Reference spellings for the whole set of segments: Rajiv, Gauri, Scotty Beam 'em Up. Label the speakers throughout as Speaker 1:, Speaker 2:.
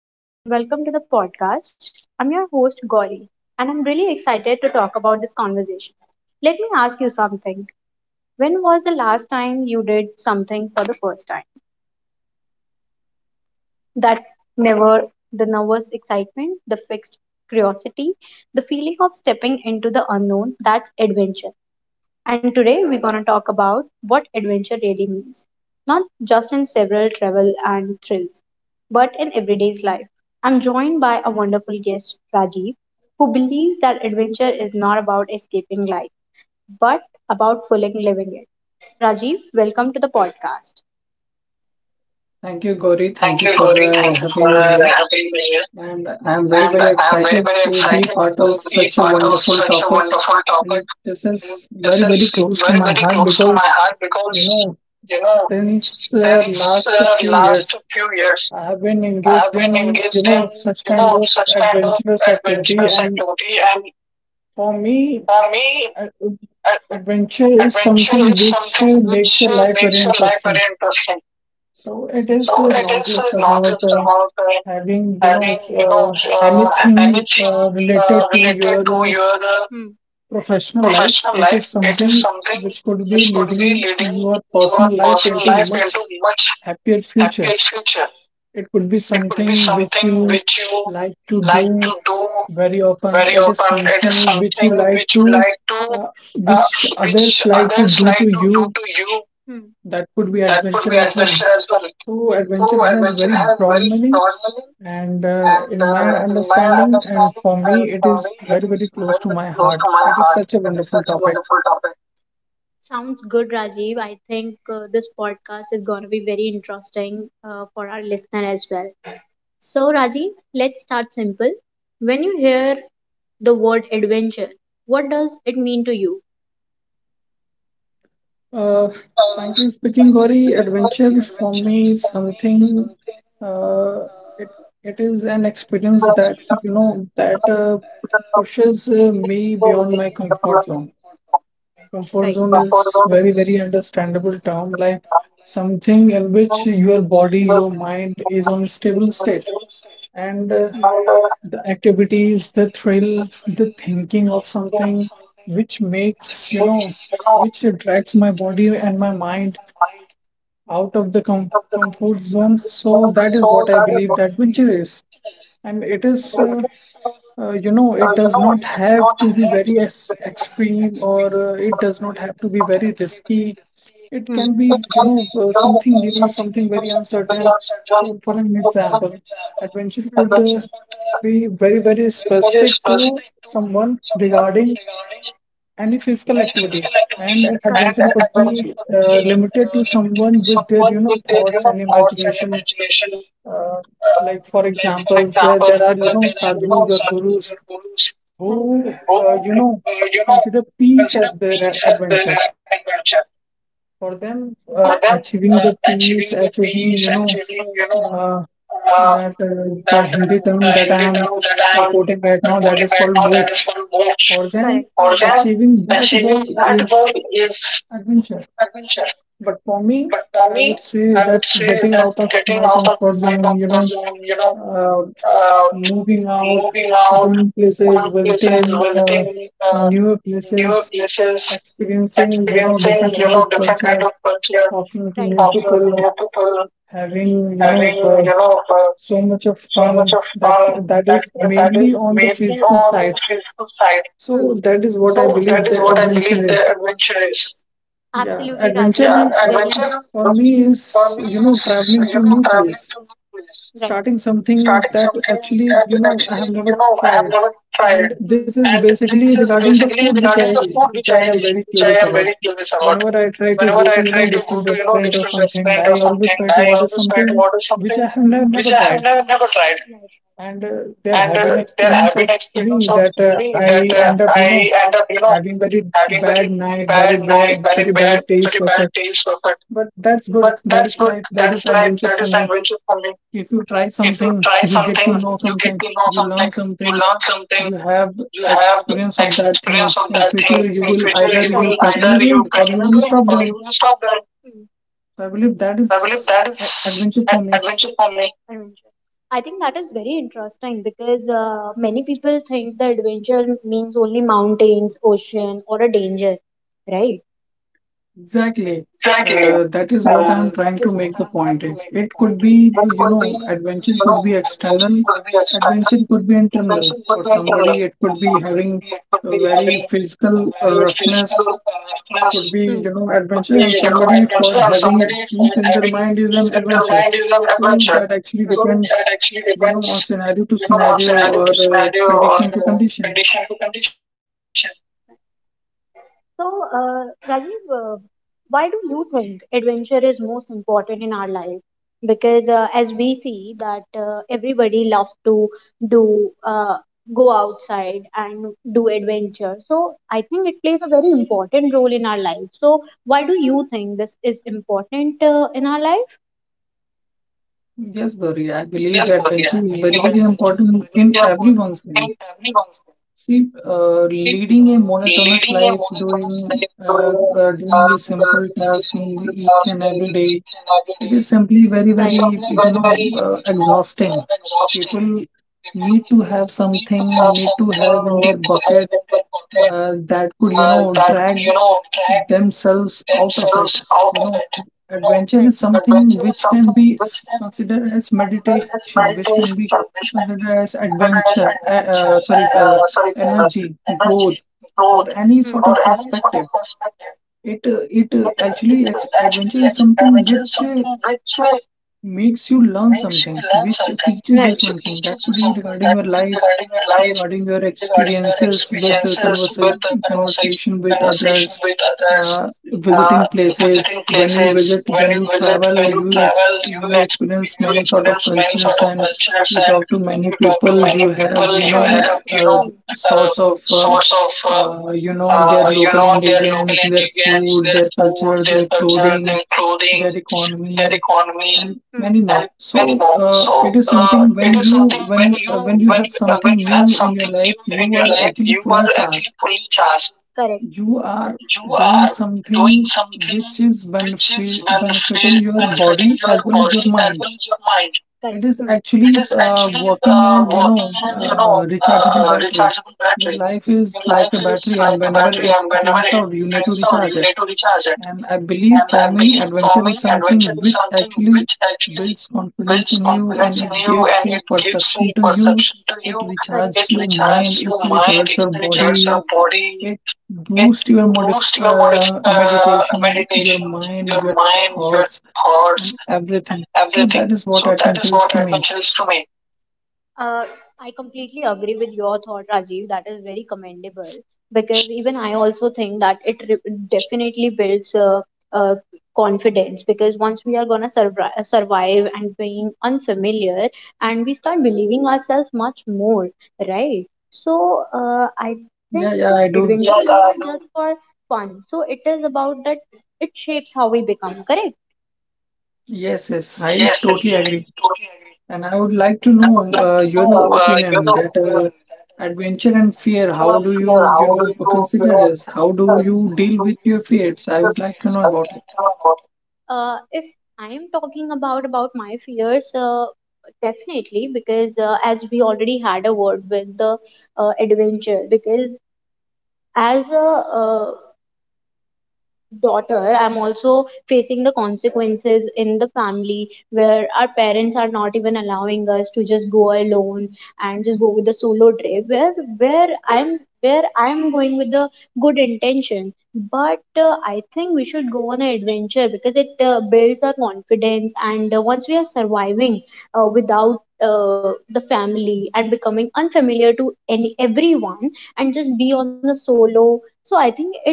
Speaker 1: Hello, everyone, and welcome to the podcast. I'm your host, Gauri, and I'm really excited to talk about this conversation. Let me ask you something. When was the last time you did something for the first time? That never, the nervous excitement, the fixed curiosity, the feeling of stepping into the unknown, that's adventure. And today we're going to talk about what adventure really means, not just in several travel and thrills, but in everyday's life. I'm joined by a wonderful guest, Rajiv, who believes that adventure is not about escaping life, but about fully living it. Rajiv, welcome to the podcast.
Speaker 2: Thank you, Gauri.
Speaker 1: Thank
Speaker 2: Thank you
Speaker 1: you,
Speaker 2: for
Speaker 1: Gauri. Thank you for
Speaker 2: having me here.
Speaker 1: having me. Here.
Speaker 2: And I'm very,
Speaker 1: And
Speaker 2: very
Speaker 1: I am very,
Speaker 2: excited
Speaker 1: very
Speaker 2: to be
Speaker 1: excited
Speaker 2: part of
Speaker 1: to be
Speaker 2: such a
Speaker 1: part of
Speaker 2: wonderful
Speaker 1: such a
Speaker 2: topic.
Speaker 1: wonderful topic.
Speaker 2: And this
Speaker 1: And
Speaker 2: is
Speaker 1: this
Speaker 2: very,
Speaker 1: is
Speaker 2: very close to
Speaker 1: very,
Speaker 2: my
Speaker 1: very
Speaker 2: heart
Speaker 1: close to my
Speaker 2: because,
Speaker 1: heart because,
Speaker 2: you know,
Speaker 1: you know,
Speaker 2: since
Speaker 1: since
Speaker 2: last few
Speaker 1: last
Speaker 2: years,
Speaker 1: few years,
Speaker 2: I have been
Speaker 1: I
Speaker 2: engaged
Speaker 1: have been
Speaker 2: in, you
Speaker 1: engaged
Speaker 2: know,
Speaker 1: in,
Speaker 2: such
Speaker 1: you
Speaker 2: kind
Speaker 1: know,
Speaker 2: of
Speaker 1: such kind of
Speaker 2: adventurous activity.
Speaker 1: adventurous
Speaker 2: And
Speaker 1: activity. And
Speaker 2: for me,
Speaker 1: for me,
Speaker 2: uh,
Speaker 1: ad-
Speaker 2: adventure is
Speaker 1: adventure
Speaker 2: something
Speaker 1: is
Speaker 2: which
Speaker 1: something which
Speaker 2: makes your life
Speaker 1: makes
Speaker 2: very
Speaker 1: your life very
Speaker 2: interesting.
Speaker 1: interesting.
Speaker 2: So it is
Speaker 1: So it is
Speaker 2: not just
Speaker 1: not just
Speaker 2: about
Speaker 1: about
Speaker 2: having, you know,
Speaker 1: having, you know,
Speaker 2: uh, anything
Speaker 1: anything
Speaker 2: related to
Speaker 1: related to
Speaker 2: your uh,
Speaker 1: your
Speaker 2: professional life.
Speaker 1: professional
Speaker 2: It
Speaker 1: life,
Speaker 2: is
Speaker 1: it is
Speaker 2: something
Speaker 1: something
Speaker 2: which could be
Speaker 1: which could be
Speaker 2: leading
Speaker 1: leading
Speaker 2: your
Speaker 1: your
Speaker 2: personal life
Speaker 1: personal
Speaker 2: into
Speaker 1: life into
Speaker 2: much
Speaker 1: much
Speaker 2: happier
Speaker 1: happier
Speaker 2: future.
Speaker 1: future.
Speaker 2: It could be
Speaker 1: It could be
Speaker 2: something which
Speaker 1: something
Speaker 2: you
Speaker 1: which you
Speaker 2: like to
Speaker 1: like
Speaker 2: do
Speaker 1: to do
Speaker 2: very often.
Speaker 1: very
Speaker 2: It is
Speaker 1: often. It is
Speaker 2: something which you
Speaker 1: something
Speaker 2: like
Speaker 1: which you
Speaker 2: to,
Speaker 1: like to,
Speaker 2: uh,
Speaker 1: uh,
Speaker 2: which
Speaker 1: which
Speaker 2: others like to
Speaker 1: others
Speaker 2: do to
Speaker 1: like
Speaker 2: you.
Speaker 1: to you. Hmm.
Speaker 2: That could be
Speaker 1: That
Speaker 2: adventure
Speaker 1: could be
Speaker 2: as well.
Speaker 1: adventure as well.
Speaker 2: So adventure
Speaker 1: So
Speaker 2: has
Speaker 1: adventure
Speaker 2: very
Speaker 1: has
Speaker 2: broad
Speaker 1: very
Speaker 2: meaning.
Speaker 1: broad,
Speaker 2: And
Speaker 1: and
Speaker 2: in my
Speaker 1: in my
Speaker 2: understanding, and
Speaker 1: understanding
Speaker 2: for me,
Speaker 1: and
Speaker 2: it
Speaker 1: for
Speaker 2: is
Speaker 1: me,
Speaker 2: very, very close
Speaker 1: very
Speaker 2: to my
Speaker 1: very close to
Speaker 2: heart.
Speaker 1: my
Speaker 2: It is
Speaker 1: heart.
Speaker 2: such a
Speaker 1: It is
Speaker 2: wonderful
Speaker 1: such a
Speaker 2: topic.
Speaker 1: wonderful topic. Sounds good, Rajiv. I think this podcast is going to be very interesting for our listener as well. So, Rajiv, let's start simple. When you hear the word adventure, what does it mean to you?
Speaker 2: Uh, frankly speaking, Gauri, adventure for me is something. Uh, it it is an experience that, you know, that pushes me beyond my comfort zone. Comfort
Speaker 1: Right.
Speaker 2: zone is very, very understandable term, like something in which your body, your mind is on stable state and. The activities, the thrill, the
Speaker 1: You know which
Speaker 2: thinking of something which makes, you know, which
Speaker 1: which
Speaker 2: attracts my body
Speaker 1: makes the my
Speaker 2: and my
Speaker 1: body
Speaker 2: mind out of the
Speaker 1: out of the comfort
Speaker 2: comfort zone. So
Speaker 1: zone.
Speaker 2: that is
Speaker 1: So
Speaker 2: what I
Speaker 1: that is
Speaker 2: believe
Speaker 1: what
Speaker 2: that
Speaker 1: I believe.
Speaker 2: venture
Speaker 1: That
Speaker 2: is.
Speaker 1: witness.
Speaker 2: And it is,
Speaker 1: And
Speaker 2: you know, it
Speaker 1: you
Speaker 2: does
Speaker 1: know,
Speaker 2: not
Speaker 1: it is
Speaker 2: have
Speaker 1: not
Speaker 2: to be
Speaker 1: has.
Speaker 2: very ex extreme or it does not have to be very risky. It
Speaker 1: Hmm.
Speaker 2: can
Speaker 1: It
Speaker 2: be, you
Speaker 1: can be,
Speaker 2: know,
Speaker 1: you know,
Speaker 2: something new, something very uncertain.
Speaker 1: very central
Speaker 2: For an
Speaker 1: for and.
Speaker 2: example,
Speaker 1: Hmm.
Speaker 2: adventure
Speaker 1: Hmm.
Speaker 2: could
Speaker 1: Adventure is
Speaker 2: be very, very
Speaker 1: very
Speaker 2: specific to
Speaker 1: specific to
Speaker 2: someone
Speaker 1: someone
Speaker 2: regarding
Speaker 1: regarding
Speaker 2: any physical
Speaker 1: any physical
Speaker 2: activity,
Speaker 1: activity.
Speaker 2: and
Speaker 1: Correct. And
Speaker 2: adventure could
Speaker 1: adventure
Speaker 2: be limited to
Speaker 1: uh, to
Speaker 2: someone with their,
Speaker 1: someone
Speaker 2: you know,
Speaker 1: with their, you
Speaker 2: thoughts
Speaker 1: know,
Speaker 2: and
Speaker 1: thoughts and
Speaker 2: imagination.
Speaker 1: imagination.
Speaker 2: uh,
Speaker 1: Uh,
Speaker 2: like for
Speaker 1: like for
Speaker 2: example there,
Speaker 1: example,
Speaker 2: there are, you know,
Speaker 1: there are you know
Speaker 2: sadhus or
Speaker 1: sadhus
Speaker 2: gurus
Speaker 1: or gurus. Right.
Speaker 2: who,
Speaker 1: Who
Speaker 2: you know,
Speaker 1: you know
Speaker 2: consider peace as
Speaker 1: consider
Speaker 2: their
Speaker 1: peace as their
Speaker 2: adventure.
Speaker 1: happy culture.
Speaker 2: For them,
Speaker 1: For them,
Speaker 2: achieving the
Speaker 1: achieving
Speaker 2: peace,
Speaker 1: the
Speaker 2: achieving,
Speaker 1: peace,
Speaker 2: you know,
Speaker 1: achieving you know
Speaker 2: uh,
Speaker 1: uh,
Speaker 2: that, the
Speaker 1: that
Speaker 2: hindi term
Speaker 1: the
Speaker 2: that I
Speaker 1: Hindi
Speaker 2: am
Speaker 1: term that I am
Speaker 2: quoting right now, that
Speaker 1: quoting
Speaker 2: is
Speaker 1: right
Speaker 2: called
Speaker 1: now that is
Speaker 2: moksha.
Speaker 1: called moksha.
Speaker 2: For them
Speaker 1: Correct. For them,
Speaker 2: achieving that
Speaker 1: achieving
Speaker 2: goal
Speaker 1: that
Speaker 2: is
Speaker 1: goal is
Speaker 2: adventure.
Speaker 1: adventure.
Speaker 2: But for me,
Speaker 1: But for
Speaker 2: I would
Speaker 1: me,
Speaker 2: say
Speaker 1: I
Speaker 2: that
Speaker 1: would say
Speaker 2: getting
Speaker 1: that
Speaker 2: out of
Speaker 1: getting
Speaker 2: my
Speaker 1: out of
Speaker 2: comfort
Speaker 1: my
Speaker 2: zone, you
Speaker 1: comfort
Speaker 2: know,
Speaker 1: zone, you know,
Speaker 2: uh,
Speaker 1: uh,
Speaker 2: moving out,
Speaker 1: moving out,
Speaker 2: going places,
Speaker 1: going places,
Speaker 2: visiting
Speaker 1: visiting
Speaker 2: newer
Speaker 1: new
Speaker 2: places,
Speaker 1: places,
Speaker 2: experiencing, you know,
Speaker 1: experiencing
Speaker 2: different
Speaker 1: you
Speaker 2: kind of
Speaker 1: know different kind
Speaker 2: culture,
Speaker 1: of culture.
Speaker 2: talking to
Speaker 1: Right.
Speaker 2: new
Speaker 1: Talking to
Speaker 2: people,
Speaker 1: new people,
Speaker 2: having, you
Speaker 1: having
Speaker 2: know,
Speaker 1: you know
Speaker 2: so much of
Speaker 1: so much
Speaker 2: fun,
Speaker 1: of
Speaker 2: that
Speaker 1: fun.
Speaker 2: that
Speaker 1: That
Speaker 2: is
Speaker 1: that is
Speaker 2: mainly on the
Speaker 1: mainly
Speaker 2: physical
Speaker 1: on the
Speaker 2: side.
Speaker 1: physical side. Hmm.
Speaker 2: So that is what I
Speaker 1: So that is
Speaker 2: believe the
Speaker 1: what I believe
Speaker 2: adventure
Speaker 1: the
Speaker 2: is.
Speaker 1: adventure is.
Speaker 2: Yeah,
Speaker 1: Absolutely, Rajiv.
Speaker 2: adventure
Speaker 1: Yeah, that's very adventure
Speaker 2: for me
Speaker 1: for
Speaker 2: is,
Speaker 1: me
Speaker 2: you know,
Speaker 1: is
Speaker 2: traveling
Speaker 1: you
Speaker 2: to
Speaker 1: know
Speaker 2: new
Speaker 1: traveling.
Speaker 2: place,
Speaker 1: Right.
Speaker 2: starting
Speaker 1: Hmm.
Speaker 2: something
Speaker 1: Starting
Speaker 2: that
Speaker 1: and
Speaker 2: actually, you know, I have
Speaker 1: actually, you
Speaker 2: never
Speaker 1: know, I have
Speaker 2: tried.
Speaker 1: never tried.
Speaker 2: And this
Speaker 1: Hmm.
Speaker 2: is
Speaker 1: And
Speaker 2: basically
Speaker 1: this is
Speaker 2: regarding the
Speaker 1: basically
Speaker 2: food which
Speaker 1: regarding the
Speaker 2: I
Speaker 1: food which I
Speaker 2: am very
Speaker 1: which I
Speaker 2: curious
Speaker 1: am
Speaker 2: about.
Speaker 1: very curious about.
Speaker 2: Whenever
Speaker 1: Hmm.
Speaker 2: I try to go
Speaker 1: Whenever
Speaker 2: to,
Speaker 1: I
Speaker 2: you know,
Speaker 1: try to go
Speaker 2: different
Speaker 1: to you know
Speaker 2: restaurant or
Speaker 1: different
Speaker 2: something,
Speaker 1: restaurant or
Speaker 2: I always
Speaker 1: something,
Speaker 2: try to
Speaker 1: I
Speaker 2: order
Speaker 1: always try to
Speaker 2: something
Speaker 1: order
Speaker 2: which
Speaker 1: something
Speaker 2: I have
Speaker 1: Which
Speaker 2: never
Speaker 1: I have
Speaker 2: tried.
Speaker 1: never tried. Hmm.
Speaker 2: And there
Speaker 1: And
Speaker 2: have been
Speaker 1: there
Speaker 2: experience
Speaker 1: have been
Speaker 2: of me
Speaker 1: experiences of
Speaker 2: that
Speaker 1: me
Speaker 2: I
Speaker 1: that
Speaker 2: end up, you know,
Speaker 1: I end up you know
Speaker 2: having very
Speaker 1: having
Speaker 2: bad
Speaker 1: very
Speaker 2: night,
Speaker 1: bad night,
Speaker 2: very bad taste
Speaker 1: very
Speaker 2: of
Speaker 1: bad
Speaker 2: it.
Speaker 1: taste.
Speaker 2: But that's good.
Speaker 1: But
Speaker 2: That
Speaker 1: that's
Speaker 2: is
Speaker 1: good.
Speaker 2: life. That
Speaker 1: That
Speaker 2: is
Speaker 1: is life.
Speaker 2: adventure
Speaker 1: That
Speaker 2: for
Speaker 1: is
Speaker 2: me.
Speaker 1: adventure for me.
Speaker 2: If you try
Speaker 1: If you
Speaker 2: something,
Speaker 1: try
Speaker 2: you get
Speaker 1: something,
Speaker 2: to know
Speaker 1: you get
Speaker 2: something,
Speaker 1: to know
Speaker 2: you
Speaker 1: something,
Speaker 2: learn
Speaker 1: you
Speaker 2: something,
Speaker 1: learn something,
Speaker 2: you have
Speaker 1: you have
Speaker 2: experience of that thing.
Speaker 1: experience of
Speaker 2: In
Speaker 1: that
Speaker 2: future,
Speaker 1: thing.
Speaker 2: you
Speaker 1: In
Speaker 2: will
Speaker 1: future,
Speaker 2: either
Speaker 1: you
Speaker 2: you
Speaker 1: will
Speaker 2: continue
Speaker 1: either you
Speaker 2: doing or you
Speaker 1: continue
Speaker 2: will
Speaker 1: doing it
Speaker 2: stop
Speaker 1: or you
Speaker 2: doing.
Speaker 1: will stop doing it. Hmm.
Speaker 2: So I believe that
Speaker 1: I believe
Speaker 2: is
Speaker 1: that is
Speaker 2: adventure for me.
Speaker 1: adventure for me. Adventure. I think that is very interesting because many people think the adventure means only mountains, ocean, or a danger, right?
Speaker 2: Exactly.
Speaker 1: Exactly.
Speaker 2: That is what I'm
Speaker 1: Uh,
Speaker 2: trying to make the point is. It could
Speaker 1: advantage.
Speaker 2: be,
Speaker 1: That
Speaker 2: you
Speaker 1: could be,
Speaker 2: know,
Speaker 1: you
Speaker 2: adventure
Speaker 1: know,
Speaker 2: could be
Speaker 1: adventure
Speaker 2: external,
Speaker 1: could be external,
Speaker 2: adventure could be
Speaker 1: adventure
Speaker 2: internal.
Speaker 1: could be
Speaker 2: For
Speaker 1: internal.
Speaker 2: somebody, it
Speaker 1: For
Speaker 2: could be
Speaker 1: somebody, it
Speaker 2: having
Speaker 1: could be
Speaker 2: a
Speaker 1: having
Speaker 2: very
Speaker 1: a
Speaker 2: physical
Speaker 1: very physical
Speaker 2: roughness
Speaker 1: roughness,
Speaker 2: would be, you know,
Speaker 1: Could be,
Speaker 2: adventure, and
Speaker 1: you know,
Speaker 2: somebody
Speaker 1: adventure,
Speaker 2: for
Speaker 1: and
Speaker 2: having
Speaker 1: somebody for
Speaker 2: peace in their
Speaker 1: having
Speaker 2: mind is
Speaker 1: peace
Speaker 2: an
Speaker 1: in their
Speaker 2: adventure.
Speaker 1: mind is an
Speaker 2: So
Speaker 1: adventure.
Speaker 2: that actually
Speaker 1: Right. So that
Speaker 2: depends,
Speaker 1: actually
Speaker 2: you know, on
Speaker 1: depends,
Speaker 2: scenario to
Speaker 1: you know, on
Speaker 2: scenario
Speaker 1: scenario
Speaker 2: or
Speaker 1: to scenario or
Speaker 2: condition to condition.
Speaker 1: condition to condition. So, uh, Rajiv, why do you think adventure is most important in our life? Because as we see that everybody love to do go outside and do adventure. So I think it plays a very important role in our life. So why do you think this is important in our life?
Speaker 2: Yes, Gauri, I believe
Speaker 1: Yes, Gopinath,
Speaker 2: adventure is
Speaker 1: you
Speaker 2: very,
Speaker 1: were
Speaker 2: very
Speaker 1: mentioning
Speaker 2: important in
Speaker 1: adventure important
Speaker 2: everyone's
Speaker 1: in
Speaker 2: life.
Speaker 1: everyone's life.
Speaker 2: See, uh,
Speaker 1: Uh,
Speaker 2: leading a
Speaker 1: Leading
Speaker 2: monotonous
Speaker 1: a
Speaker 2: life
Speaker 1: monotonous
Speaker 2: doing
Speaker 1: life,
Speaker 2: uh, doing a
Speaker 1: the
Speaker 2: simple
Speaker 1: really
Speaker 2: task in
Speaker 1: simple
Speaker 2: each
Speaker 1: task
Speaker 2: and every
Speaker 1: daily,
Speaker 2: day.
Speaker 1: each and every
Speaker 2: It is
Speaker 1: day.
Speaker 2: simply very,
Speaker 1: It's. Right. It's
Speaker 2: very,
Speaker 1: probably
Speaker 2: you
Speaker 1: very,
Speaker 2: know,
Speaker 1: very, you know,
Speaker 2: exhausting. People
Speaker 1: exhausting. You
Speaker 2: need to have
Speaker 1: need to
Speaker 2: something,
Speaker 1: have
Speaker 2: need to
Speaker 1: something,
Speaker 2: have in
Speaker 1: need
Speaker 2: their
Speaker 1: to
Speaker 2: bucket
Speaker 1: have in pocket
Speaker 2: that could, you know,
Speaker 1: that could,
Speaker 2: drag
Speaker 1: you know, drag
Speaker 2: themselves out of it.
Speaker 1: themselves out
Speaker 2: You
Speaker 1: of
Speaker 2: know,
Speaker 1: it. You know.
Speaker 2: adventure is
Speaker 1: Right.
Speaker 2: something
Speaker 1: Adventure
Speaker 2: which
Speaker 1: is
Speaker 2: can
Speaker 1: something
Speaker 2: be
Speaker 1: which can be
Speaker 2: considered as
Speaker 1: considered as
Speaker 2: meditation, which can be
Speaker 1: meditation, which
Speaker 2: considered
Speaker 1: can
Speaker 2: as
Speaker 1: be considered
Speaker 2: adventure,
Speaker 1: as adventure,
Speaker 2: sorry,
Speaker 1: sorry, uh,
Speaker 2: energy, growth,
Speaker 1: energy,
Speaker 2: or
Speaker 1: growth,
Speaker 2: any sort
Speaker 1: Hmm.
Speaker 2: of
Speaker 1: or any sort
Speaker 2: perspective.
Speaker 1: of perspective.
Speaker 2: It
Speaker 1: It, it
Speaker 2: actually ex
Speaker 1: will
Speaker 2: adventure
Speaker 1: actually
Speaker 2: is something
Speaker 1: adventure
Speaker 2: which
Speaker 1: something which
Speaker 2: makes you learn
Speaker 1: makes you
Speaker 2: something,
Speaker 1: learn
Speaker 2: which
Speaker 1: something.
Speaker 2: teaches
Speaker 1: Right.
Speaker 2: you
Speaker 1: Which
Speaker 2: something. That
Speaker 1: conversations
Speaker 2: could
Speaker 1: with
Speaker 2: be
Speaker 1: people
Speaker 2: regarding
Speaker 1: that
Speaker 2: your life,
Speaker 1: regarding your life,
Speaker 2: regarding your
Speaker 1: regarding your
Speaker 2: experiences with the
Speaker 1: experiences
Speaker 2: conversation,
Speaker 1: with the conversation,
Speaker 2: conversation with
Speaker 1: conversation
Speaker 2: others,
Speaker 1: with others,
Speaker 2: visiting
Speaker 1: uh,
Speaker 2: places.
Speaker 1: visiting
Speaker 2: When you
Speaker 1: places.
Speaker 2: visit,
Speaker 1: When
Speaker 2: when
Speaker 1: you
Speaker 2: you
Speaker 1: visit,
Speaker 2: travel,
Speaker 1: when you
Speaker 2: you
Speaker 1: travel, you,
Speaker 2: you experience
Speaker 1: you
Speaker 2: many sort of
Speaker 1: experience many sort
Speaker 2: cultures,
Speaker 1: of
Speaker 2: and
Speaker 1: cultures
Speaker 2: you
Speaker 1: and
Speaker 2: talk to many
Speaker 1: you talk to
Speaker 2: people.
Speaker 1: many
Speaker 2: You have,
Speaker 1: people.
Speaker 2: you
Speaker 1: You
Speaker 2: know,
Speaker 1: have, you
Speaker 2: uh,
Speaker 1: know,
Speaker 2: sorts of
Speaker 1: sorts of
Speaker 2: you know, their
Speaker 1: you
Speaker 2: local
Speaker 1: know, their local
Speaker 2: ingredients, their
Speaker 1: ingredients,
Speaker 2: food,
Speaker 1: their
Speaker 2: their
Speaker 1: food,
Speaker 2: culture,
Speaker 1: their
Speaker 2: their
Speaker 1: culture,
Speaker 2: clothing,
Speaker 1: their clothing,
Speaker 2: their
Speaker 1: that
Speaker 2: economy,
Speaker 1: economy
Speaker 2: and
Speaker 1: Hmm.
Speaker 2: many more.
Speaker 1: and many
Speaker 2: So
Speaker 1: more.
Speaker 2: it
Speaker 1: So
Speaker 2: is something when
Speaker 1: it is
Speaker 2: you
Speaker 1: something when
Speaker 2: when you have
Speaker 1: when
Speaker 2: something
Speaker 1: you have
Speaker 2: new in your
Speaker 1: something
Speaker 2: life,
Speaker 1: new in
Speaker 2: you
Speaker 1: your
Speaker 2: are
Speaker 1: life,
Speaker 2: actually
Speaker 1: you are
Speaker 2: fully
Speaker 1: actually
Speaker 2: charged.
Speaker 1: fully charged. Correct.
Speaker 2: You are
Speaker 1: You
Speaker 2: doing
Speaker 1: are doing
Speaker 2: something
Speaker 1: something
Speaker 2: which is
Speaker 1: which is
Speaker 2: benefiting your
Speaker 1: benefiting
Speaker 2: body
Speaker 1: your
Speaker 2: as well as your
Speaker 1: body as
Speaker 2: mind.
Speaker 1: well as your mind.
Speaker 2: It
Speaker 1: Correct.
Speaker 2: is
Speaker 1: Hmm. It
Speaker 2: actually
Speaker 1: is actually
Speaker 2: working as, you
Speaker 1: working
Speaker 2: know,
Speaker 1: as you know
Speaker 2: rechargeable battery.
Speaker 1: rechargeable
Speaker 2: Your
Speaker 1: battery.
Speaker 2: life
Speaker 1: Your
Speaker 2: is like
Speaker 1: life
Speaker 2: a
Speaker 1: is
Speaker 2: battery,
Speaker 1: like
Speaker 2: and
Speaker 1: a
Speaker 2: whenever
Speaker 1: battery,
Speaker 2: it
Speaker 1: and whenever
Speaker 2: drains
Speaker 1: it
Speaker 2: out, you need to
Speaker 1: drains out,
Speaker 2: recharge
Speaker 1: you need
Speaker 2: it.
Speaker 1: to recharge it.
Speaker 2: And I believe
Speaker 1: And
Speaker 2: for
Speaker 1: I
Speaker 2: me,
Speaker 1: believe for
Speaker 2: adventure
Speaker 1: me,
Speaker 2: is
Speaker 1: adventure
Speaker 2: something
Speaker 1: is
Speaker 2: which
Speaker 1: something
Speaker 2: actually
Speaker 1: which
Speaker 2: builds confidence
Speaker 1: builds
Speaker 2: in you, and
Speaker 1: confidence in
Speaker 2: it
Speaker 1: you
Speaker 2: gives
Speaker 1: and
Speaker 2: a
Speaker 1: it gives
Speaker 2: perception
Speaker 1: a
Speaker 2: to you.
Speaker 1: perception.
Speaker 2: It
Speaker 1: Correct. It
Speaker 2: recharges your mind,
Speaker 1: recharges
Speaker 2: it
Speaker 1: your mind,
Speaker 2: recharges
Speaker 1: it
Speaker 2: your body,
Speaker 1: recharges your
Speaker 2: it
Speaker 1: body,
Speaker 2: boosts
Speaker 1: it
Speaker 2: your modif
Speaker 1: boosts your
Speaker 2: meditation, your
Speaker 1: meditation,
Speaker 2: mind, your
Speaker 1: your mind,
Speaker 2: thoughts,
Speaker 1: your
Speaker 2: and
Speaker 1: thoughts,
Speaker 2: everything. So that is
Speaker 1: everything.
Speaker 2: what
Speaker 1: So
Speaker 2: adventure
Speaker 1: that
Speaker 2: is
Speaker 1: is
Speaker 2: to
Speaker 1: what
Speaker 2: me.
Speaker 1: adventure is to me. Uh, I completely agree with your thought, Rajiv. That is very commendable because even I also think that it definitely builds uh, confidence because once we are gonna survive and being unfamiliar, and we start believing ourselves much more, right? So I
Speaker 2: Yeah,
Speaker 1: think
Speaker 2: yeah, I do.
Speaker 1: adventure is not just for fun. So it is about that it shapes how we become, correct?
Speaker 2: Yes, yes, I totally agree. And I would like to
Speaker 1: And I would
Speaker 2: know
Speaker 1: like to know,
Speaker 2: your
Speaker 1: you
Speaker 2: opinion
Speaker 1: know,
Speaker 2: that,
Speaker 1: you know, that
Speaker 2: adventure and fear,
Speaker 1: adventure
Speaker 2: how
Speaker 1: of
Speaker 2: do
Speaker 1: fear,
Speaker 2: you,
Speaker 1: how
Speaker 2: you
Speaker 1: do
Speaker 2: know,
Speaker 1: you, you
Speaker 2: consider
Speaker 1: know,
Speaker 2: this? How do
Speaker 1: process,
Speaker 2: you
Speaker 1: how
Speaker 2: deal
Speaker 1: do
Speaker 2: with
Speaker 1: you
Speaker 2: your
Speaker 1: deal
Speaker 2: fears?
Speaker 1: with
Speaker 2: I
Speaker 1: your
Speaker 2: would like to
Speaker 1: fears?
Speaker 2: know
Speaker 1: I would
Speaker 2: about it.
Speaker 1: like to know about if I am talking about my fears, definitely because as we already had a word with the adventure, because as a uh, daughter, I'm also facing the consequences in the family where our parents are not even allowing us to just go alone and just go with the solo trip where I'm going with the good intention, but I think we should go on an adventure because it builds our confidence, and once we are surviving without the family and becoming unfamiliar to any everyone and just be on the solo, so I think it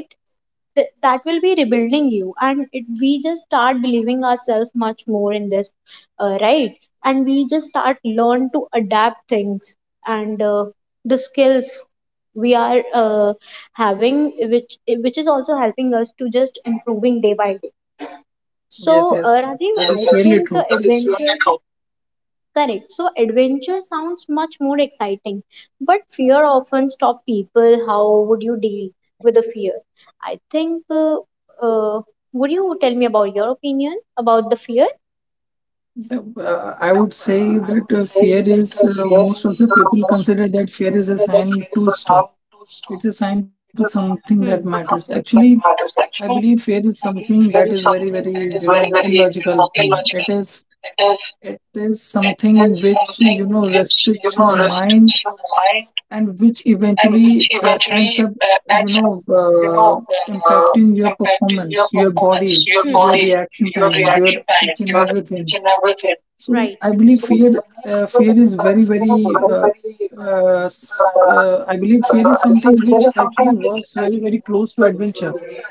Speaker 1: that will be rebuilding you, and it, we just start believing ourselves much more in this, right, and we just start learn to adapt things, and the skills we are having which which is also helping us to just improving day by day. So
Speaker 2: Yes,
Speaker 1: uh,
Speaker 2: yes,
Speaker 1: rajiv
Speaker 2: that
Speaker 1: i
Speaker 2: is really
Speaker 1: think
Speaker 2: true.
Speaker 1: adventure. Correct. So adventure sounds much more exciting, but fear often stops people. How would you deal with the fear? I think. Uh, would you tell me about your opinion about the fear?
Speaker 2: The- I
Speaker 1: Yeah,
Speaker 2: would say
Speaker 1: I would
Speaker 2: that
Speaker 1: say
Speaker 2: fear
Speaker 1: that
Speaker 2: is,
Speaker 1: fear
Speaker 2: most
Speaker 1: is
Speaker 2: of the people
Speaker 1: most
Speaker 2: consider that fear is a sign
Speaker 1: is
Speaker 2: to
Speaker 1: a sound.
Speaker 2: stop. It's a sign to something that
Speaker 1: Hmm.
Speaker 2: matters. Actually, I
Speaker 1: Matters
Speaker 2: believe
Speaker 1: actually.
Speaker 2: fear is something that is
Speaker 1: Fear is,
Speaker 2: very, very, you
Speaker 1: is
Speaker 2: know,
Speaker 1: very, very, you
Speaker 2: illogical
Speaker 1: know,
Speaker 2: thing. It
Speaker 1: illogical.
Speaker 2: is
Speaker 1: It is,
Speaker 2: It is
Speaker 1: it
Speaker 2: something
Speaker 1: is
Speaker 2: which, you
Speaker 1: something
Speaker 2: know,
Speaker 1: which, you
Speaker 2: restricts your
Speaker 1: know,
Speaker 2: mind
Speaker 1: restricts your mind
Speaker 2: and which
Speaker 1: and which
Speaker 2: eventually ends
Speaker 1: eventually
Speaker 2: up, you
Speaker 1: ends up,
Speaker 2: know,
Speaker 1: you know, uh,
Speaker 2: impacting your
Speaker 1: impacting your
Speaker 2: performance, your
Speaker 1: performance,
Speaker 2: body,
Speaker 1: your
Speaker 2: your
Speaker 1: body,
Speaker 2: reaction
Speaker 1: your
Speaker 2: time, your
Speaker 1: reaction time,
Speaker 2: each and
Speaker 1: your each
Speaker 2: everything.
Speaker 1: and everything.
Speaker 2: So
Speaker 1: Right.
Speaker 2: I believe
Speaker 1: So fear,
Speaker 2: fear is very,
Speaker 1: fear is
Speaker 2: very,
Speaker 1: very, very, uh,
Speaker 2: I believe fear is
Speaker 1: I think
Speaker 2: something
Speaker 1: fear
Speaker 2: which
Speaker 1: is something
Speaker 2: actually
Speaker 1: which
Speaker 2: works
Speaker 1: I
Speaker 2: very,
Speaker 1: think
Speaker 2: very
Speaker 1: is
Speaker 2: close to
Speaker 1: very, very,
Speaker 2: adventure.
Speaker 1: very,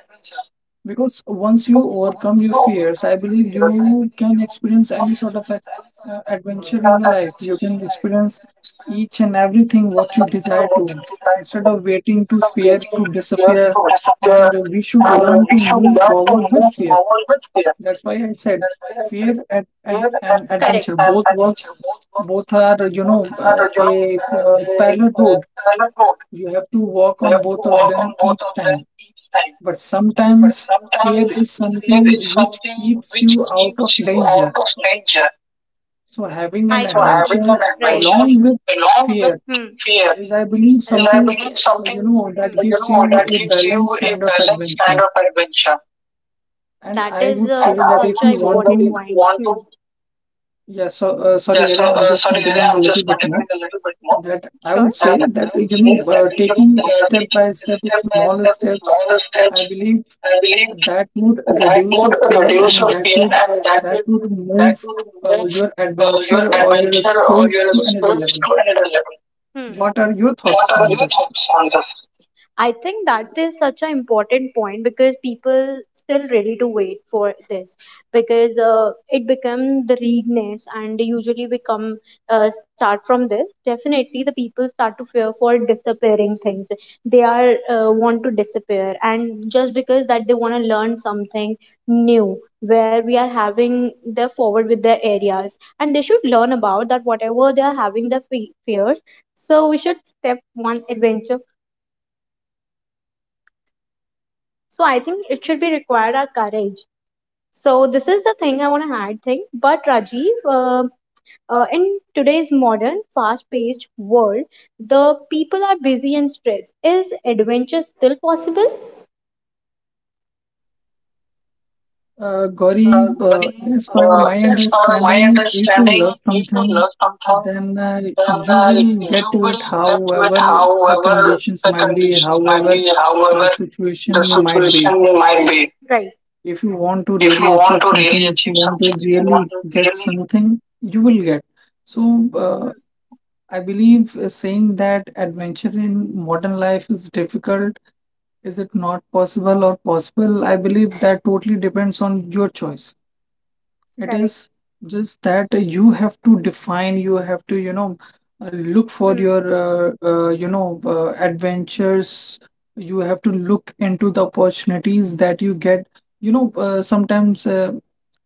Speaker 2: Because once you overcome
Speaker 1: you know,
Speaker 2: your
Speaker 1: over
Speaker 2: fears, I
Speaker 1: the
Speaker 2: believe
Speaker 1: years.
Speaker 2: you can experience any sort of adventure in your
Speaker 1: That when
Speaker 2: life. You can experience each and everything what
Speaker 1: you
Speaker 2: you
Speaker 1: know
Speaker 2: desire
Speaker 1: what you
Speaker 2: to.
Speaker 1: desire,
Speaker 2: Instead of waiting to fear
Speaker 1: waiting
Speaker 2: to
Speaker 1: fear
Speaker 2: disappear,
Speaker 1: to disappear,
Speaker 2: and we should
Speaker 1: and
Speaker 2: learn
Speaker 1: we
Speaker 2: to
Speaker 1: should
Speaker 2: move
Speaker 1: learn to
Speaker 2: forward with
Speaker 1: move
Speaker 2: fear.
Speaker 1: forward with fear.
Speaker 2: That's why I said
Speaker 1: Correct.
Speaker 2: fear and
Speaker 1: Both
Speaker 2: adventure both works. Both are, you know,
Speaker 1: are, you know,
Speaker 2: a
Speaker 1: they
Speaker 2: parallel road.
Speaker 1: cannot work.
Speaker 2: You have to walk
Speaker 1: You
Speaker 2: on
Speaker 1: have to
Speaker 2: both of
Speaker 1: work on
Speaker 2: them
Speaker 1: both
Speaker 2: each
Speaker 1: of them
Speaker 2: time.
Speaker 1: time.
Speaker 2: But
Speaker 1: But
Speaker 2: sometimes
Speaker 1: sometimes
Speaker 2: fear is
Speaker 1: fear is
Speaker 2: something which
Speaker 1: something
Speaker 2: keeps you out of
Speaker 1: keeps you out
Speaker 2: danger.
Speaker 1: of nature.
Speaker 2: So having an
Speaker 1: I so having
Speaker 2: adventure
Speaker 1: completely an right. Adventure
Speaker 2: along with
Speaker 1: along with.
Speaker 2: fear
Speaker 1: Hmm. Fear
Speaker 2: is, I believe,
Speaker 1: is, along I with
Speaker 2: something,
Speaker 1: believe, fear.
Speaker 2: you
Speaker 1: Something.
Speaker 2: know, that
Speaker 1: Hmm. You
Speaker 2: gives
Speaker 1: know,
Speaker 2: you
Speaker 1: that
Speaker 2: a
Speaker 1: gives you
Speaker 2: balanced
Speaker 1: a
Speaker 2: kind of
Speaker 1: balanced kind
Speaker 2: adventure.
Speaker 1: of adventure.
Speaker 2: And
Speaker 1: That
Speaker 2: I
Speaker 1: is
Speaker 2: would
Speaker 1: and I
Speaker 2: say
Speaker 1: such
Speaker 2: that
Speaker 1: would an
Speaker 2: if
Speaker 1: say
Speaker 2: you
Speaker 1: that
Speaker 2: want
Speaker 1: important If you
Speaker 2: to,
Speaker 1: point. Want Hmm. to,
Speaker 2: yeah. So sorry,
Speaker 1: yeah, so,
Speaker 2: Gary, I'm just
Speaker 1: sorry, Vijay,
Speaker 2: continuing a
Speaker 1: I'm
Speaker 2: little
Speaker 1: just
Speaker 2: bit more.
Speaker 1: continuing a little bit more.
Speaker 2: That I
Speaker 1: Sure.
Speaker 2: would
Speaker 1: That
Speaker 2: say that, you know,
Speaker 1: phase that we do.
Speaker 2: taking
Speaker 1: We
Speaker 2: step
Speaker 1: taking
Speaker 2: by step,
Speaker 1: step by
Speaker 2: small
Speaker 1: step,
Speaker 2: steps,
Speaker 1: smaller
Speaker 2: I
Speaker 1: steps.
Speaker 2: believe
Speaker 1: I believe
Speaker 2: that would
Speaker 1: that
Speaker 2: reduce your
Speaker 1: would
Speaker 2: fear,
Speaker 1: reduce
Speaker 2: and
Speaker 1: your pain and
Speaker 2: that would
Speaker 1: that
Speaker 2: move
Speaker 1: would move
Speaker 2: your
Speaker 1: your
Speaker 2: adventure or your
Speaker 1: adventure or
Speaker 2: skills
Speaker 1: your
Speaker 2: to another
Speaker 1: skills
Speaker 2: level.
Speaker 1: to another level. Hmm.
Speaker 2: What are your
Speaker 1: What
Speaker 2: thoughts
Speaker 1: are
Speaker 2: on
Speaker 1: your
Speaker 2: this?
Speaker 1: thoughts on this? I think that is such an important point because people still ready to wait for this because it become the readiness and usually we come start from this. Definitely, the people start to fear for disappearing things. They are want to disappear and just because that they want to learn something new where we are having their forward with their areas and they should learn about that whatever they are having their fears so we should step one adventure. So I think it should be required our courage. So this is the thing I want to add thing. But Rajiv, in today's modern, fast-paced world, the people are busy and stressed. Is adventure still possible?
Speaker 2: Gauri,
Speaker 1: Uh,
Speaker 2: as per
Speaker 1: uh,
Speaker 2: my
Speaker 1: as per my
Speaker 2: understanding, if you
Speaker 1: understanding,
Speaker 2: love
Speaker 1: if you
Speaker 2: something,
Speaker 1: love something,
Speaker 2: then
Speaker 1: then
Speaker 2: you will
Speaker 1: you
Speaker 2: get to it,
Speaker 1: will get to it
Speaker 2: however the
Speaker 1: however
Speaker 2: conditions
Speaker 1: the
Speaker 2: might be,
Speaker 1: conditions might
Speaker 2: however
Speaker 1: be, however
Speaker 2: the
Speaker 1: the
Speaker 2: situation might be.
Speaker 1: situation might be. Right.
Speaker 2: If you want to
Speaker 1: If you
Speaker 2: really
Speaker 1: want
Speaker 2: achieve
Speaker 1: to really
Speaker 2: something, if you
Speaker 1: achieve
Speaker 2: want to
Speaker 1: something, if you want
Speaker 2: really
Speaker 1: to
Speaker 2: get
Speaker 1: really
Speaker 2: something, you will get. So, I believe saying that adventure in modern life is difficult, is it not possible or possible? I believe that totally depends on your choice. It
Speaker 1: correct.
Speaker 2: is just that you have to define, you have to, you know, look
Speaker 1: Hmm.
Speaker 2: for your, you know, adventures. You have to look into the opportunities that you get. You know, sometimes,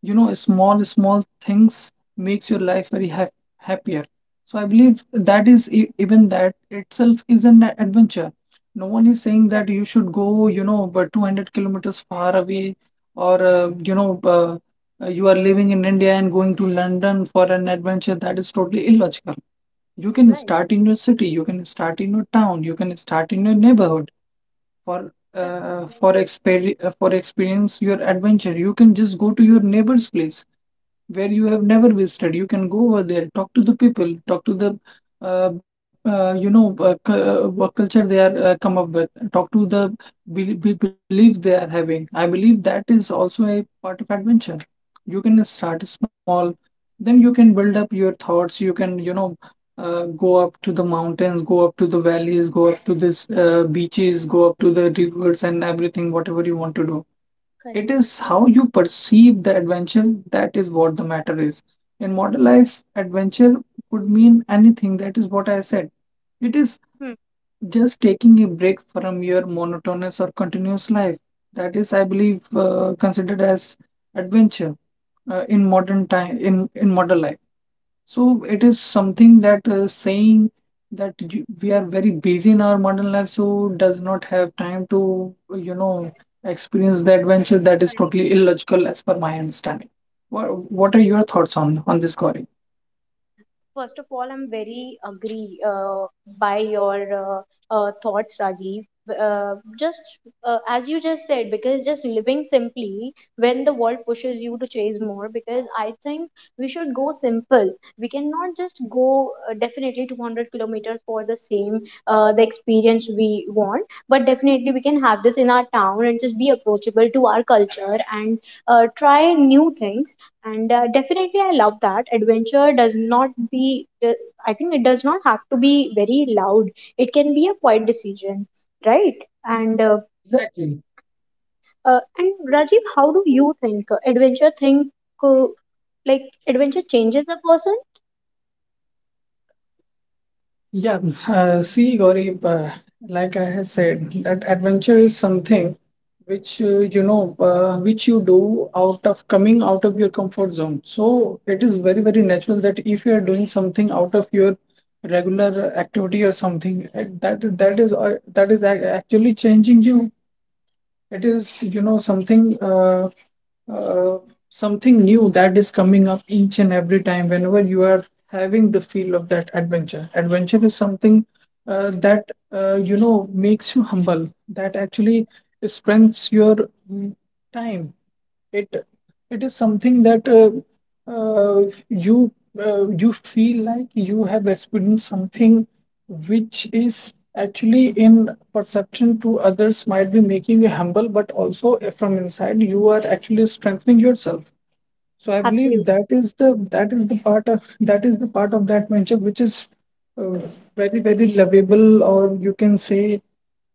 Speaker 2: you know, small, small things makes your life very ha happier. So I believe that is even that itself is an adventure. No one is saying
Speaker 1: Correct.
Speaker 2: that you should go, you know, but 200 kilometers far away or, you know, you are living in India and going to London for an adventure, that is totally illogical. You can
Speaker 1: Right.
Speaker 2: start in your city, you can start in your town, you can start in your neighborhood
Speaker 1: Yeah.
Speaker 2: for exper for experience your adventure. You can just go to your neighbor's place where you have never visited. You can go over there, talk to the people, talk to the you know, what culture they are come up with, talk to the be beliefs they are having. I believe that is also a part of adventure. You can start small, then you can build up your thoughts. You can go up to the mountains, go up to the valleys, go up to this beaches, go up to the rivers and everything, whatever you want to do.
Speaker 1: Correct.
Speaker 2: It is how you perceive the adventure, that is what the matter is. In modern life, adventure could mean anything. That is what I said. It is
Speaker 1: Hmm.
Speaker 2: just taking a break from your monotonous or continuous life. That is, I believe, considered as adventure in modern time in modern life. So it is something that saying that we are very busy in our modern life, so does not have time to, you know, experience the adventure. That is totally illogical as per my understanding. What are your thoughts on this, Gauri?
Speaker 1: First of all, I'm very agree by your thoughts, Rajiv. Just as you just said, because just living simply when the world pushes you to chase more, because I think we should go simple. We cannot just go definitely 200 kilometers for the same the experience we want, but definitely we can have this in our town and just be approachable to our culture and try new things and definitely I love that adventure does not be I think it does not have to be very loud. It can be a quiet decision, right? And
Speaker 2: Exactly.
Speaker 1: and Rajiv, how do you think adventure think uh, like adventure changes a person?
Speaker 2: Yeah, see, Gauri, like I have said, that adventure is something which you know, which you do out of coming out of your comfort zone. So it is very, very natural that if you are doing something out of your regular activity or something, that is actually changing you. It is, you know, uh, something new that is coming up each and every time whenever you are having the feel of that adventure. Adventure is something that you know makes you humble. That actually spends your mm, time. It it is something that uh, you you feel like you have experienced something which is actually in perception to others might be making you humble, but also from inside you are actually strengthening yourself. So I believe
Speaker 1: Absolutely.
Speaker 2: that is the part of that venture, which is uh, very, very lovable, or you can say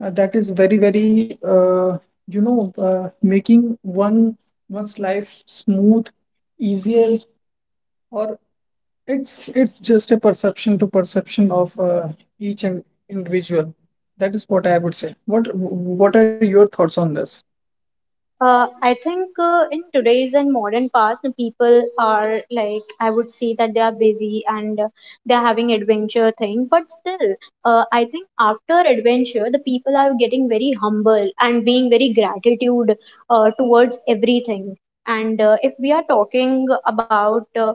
Speaker 2: that is very, very you know making one's life smooth, easier, or it's just a perception of each and individual. That is what I would say. What are your thoughts on this?
Speaker 1: I think in today's and modern past, the people are, like, I would say that they are busy and they are having adventure thing. But still, I think after adventure, the people are getting very humble and being very gratitude towards everything. And if we are talking about uh,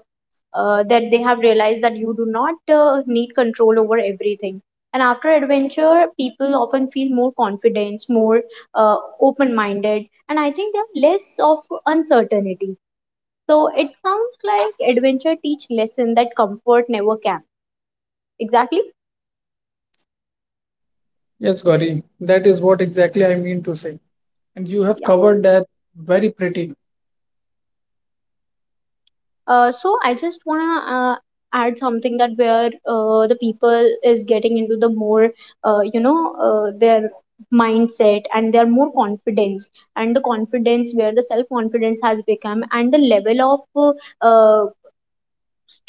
Speaker 1: uh, that they have realized that you do not need control over everything. And after adventure, people often feel more confident, more uh, open minded, and I think there are less of uncertainty. So it sounds like adventure teach lesson that comfort never can. Exactly.
Speaker 2: Yes, Gauri, that is what exactly I mean to say. And you have
Speaker 1: Yeah.
Speaker 2: covered that very pretty.
Speaker 1: So I just wanna add something that where the people is getting into the more their mindset and they're more confidence and the confidence where the self confidence has become and the level of uh, uh,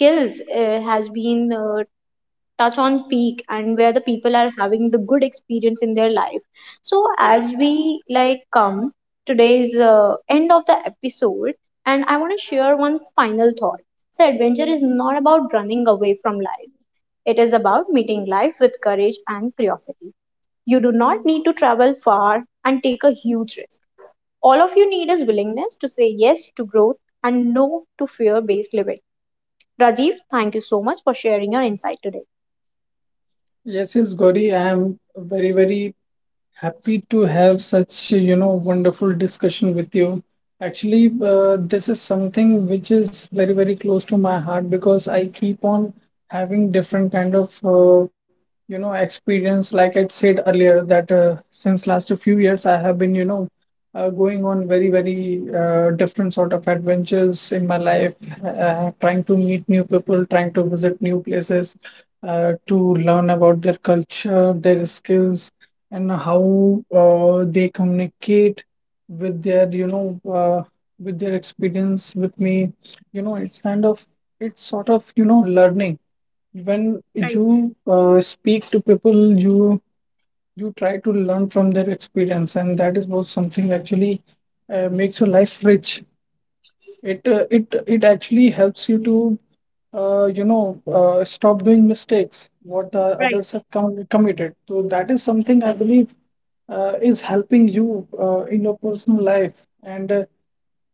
Speaker 1: skills has been touch on peak and where the people are having the good experience in their life. So as we like come today's end of the episode, and I want to share one final thought. So adventure is not about running away from life. It is about meeting life with courage and curiosity. You do not need to travel far and take a huge risk. All of you need is willingness to say yes to growth and no to fear based living. Rajiv, thank you so much for sharing your insight today.
Speaker 2: Yes, yes, Gauri, I am very, very happy to have such, you know, wonderful discussion with you. Actually, this is something which is very, very close to my heart, because I keep on having different kind of, you know, experience. Like I said earlier, that since last few years, I have been, you know, going on very, very different sort of adventures in my life, trying to meet new people, trying to visit new places, to learn about their culture, their skills, and how they communicate with their with their experience with me, you know, it's kind of, it's sort of, you know, learning. When
Speaker 1: Right.
Speaker 2: you speak to people, you try to learn from their experience, and that is both something actually makes your life rich. It actually helps you to you know stop doing mistakes what the
Speaker 1: Right.
Speaker 2: others have committed. So that is something I believe is helping you in your personal life, and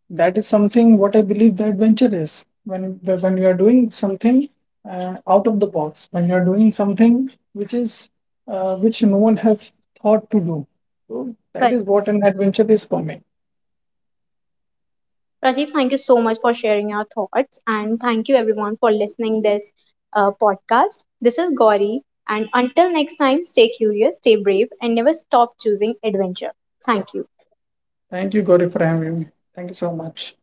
Speaker 2: that is something what I believe the adventure is. When you are doing something out of the box, when you are doing something which is which no one have thought to do. So that is
Speaker 1: Correct.
Speaker 2: what an adventure is for me.
Speaker 1: Rajiv, thank you so much for sharing your thoughts, and thank you everyone for listening this podcast. This is Gauri, and until next time, stay curious, stay brave, and never stop choosing adventure. Thank you.
Speaker 2: Thank you, Gauri, for having me. Thank you so much.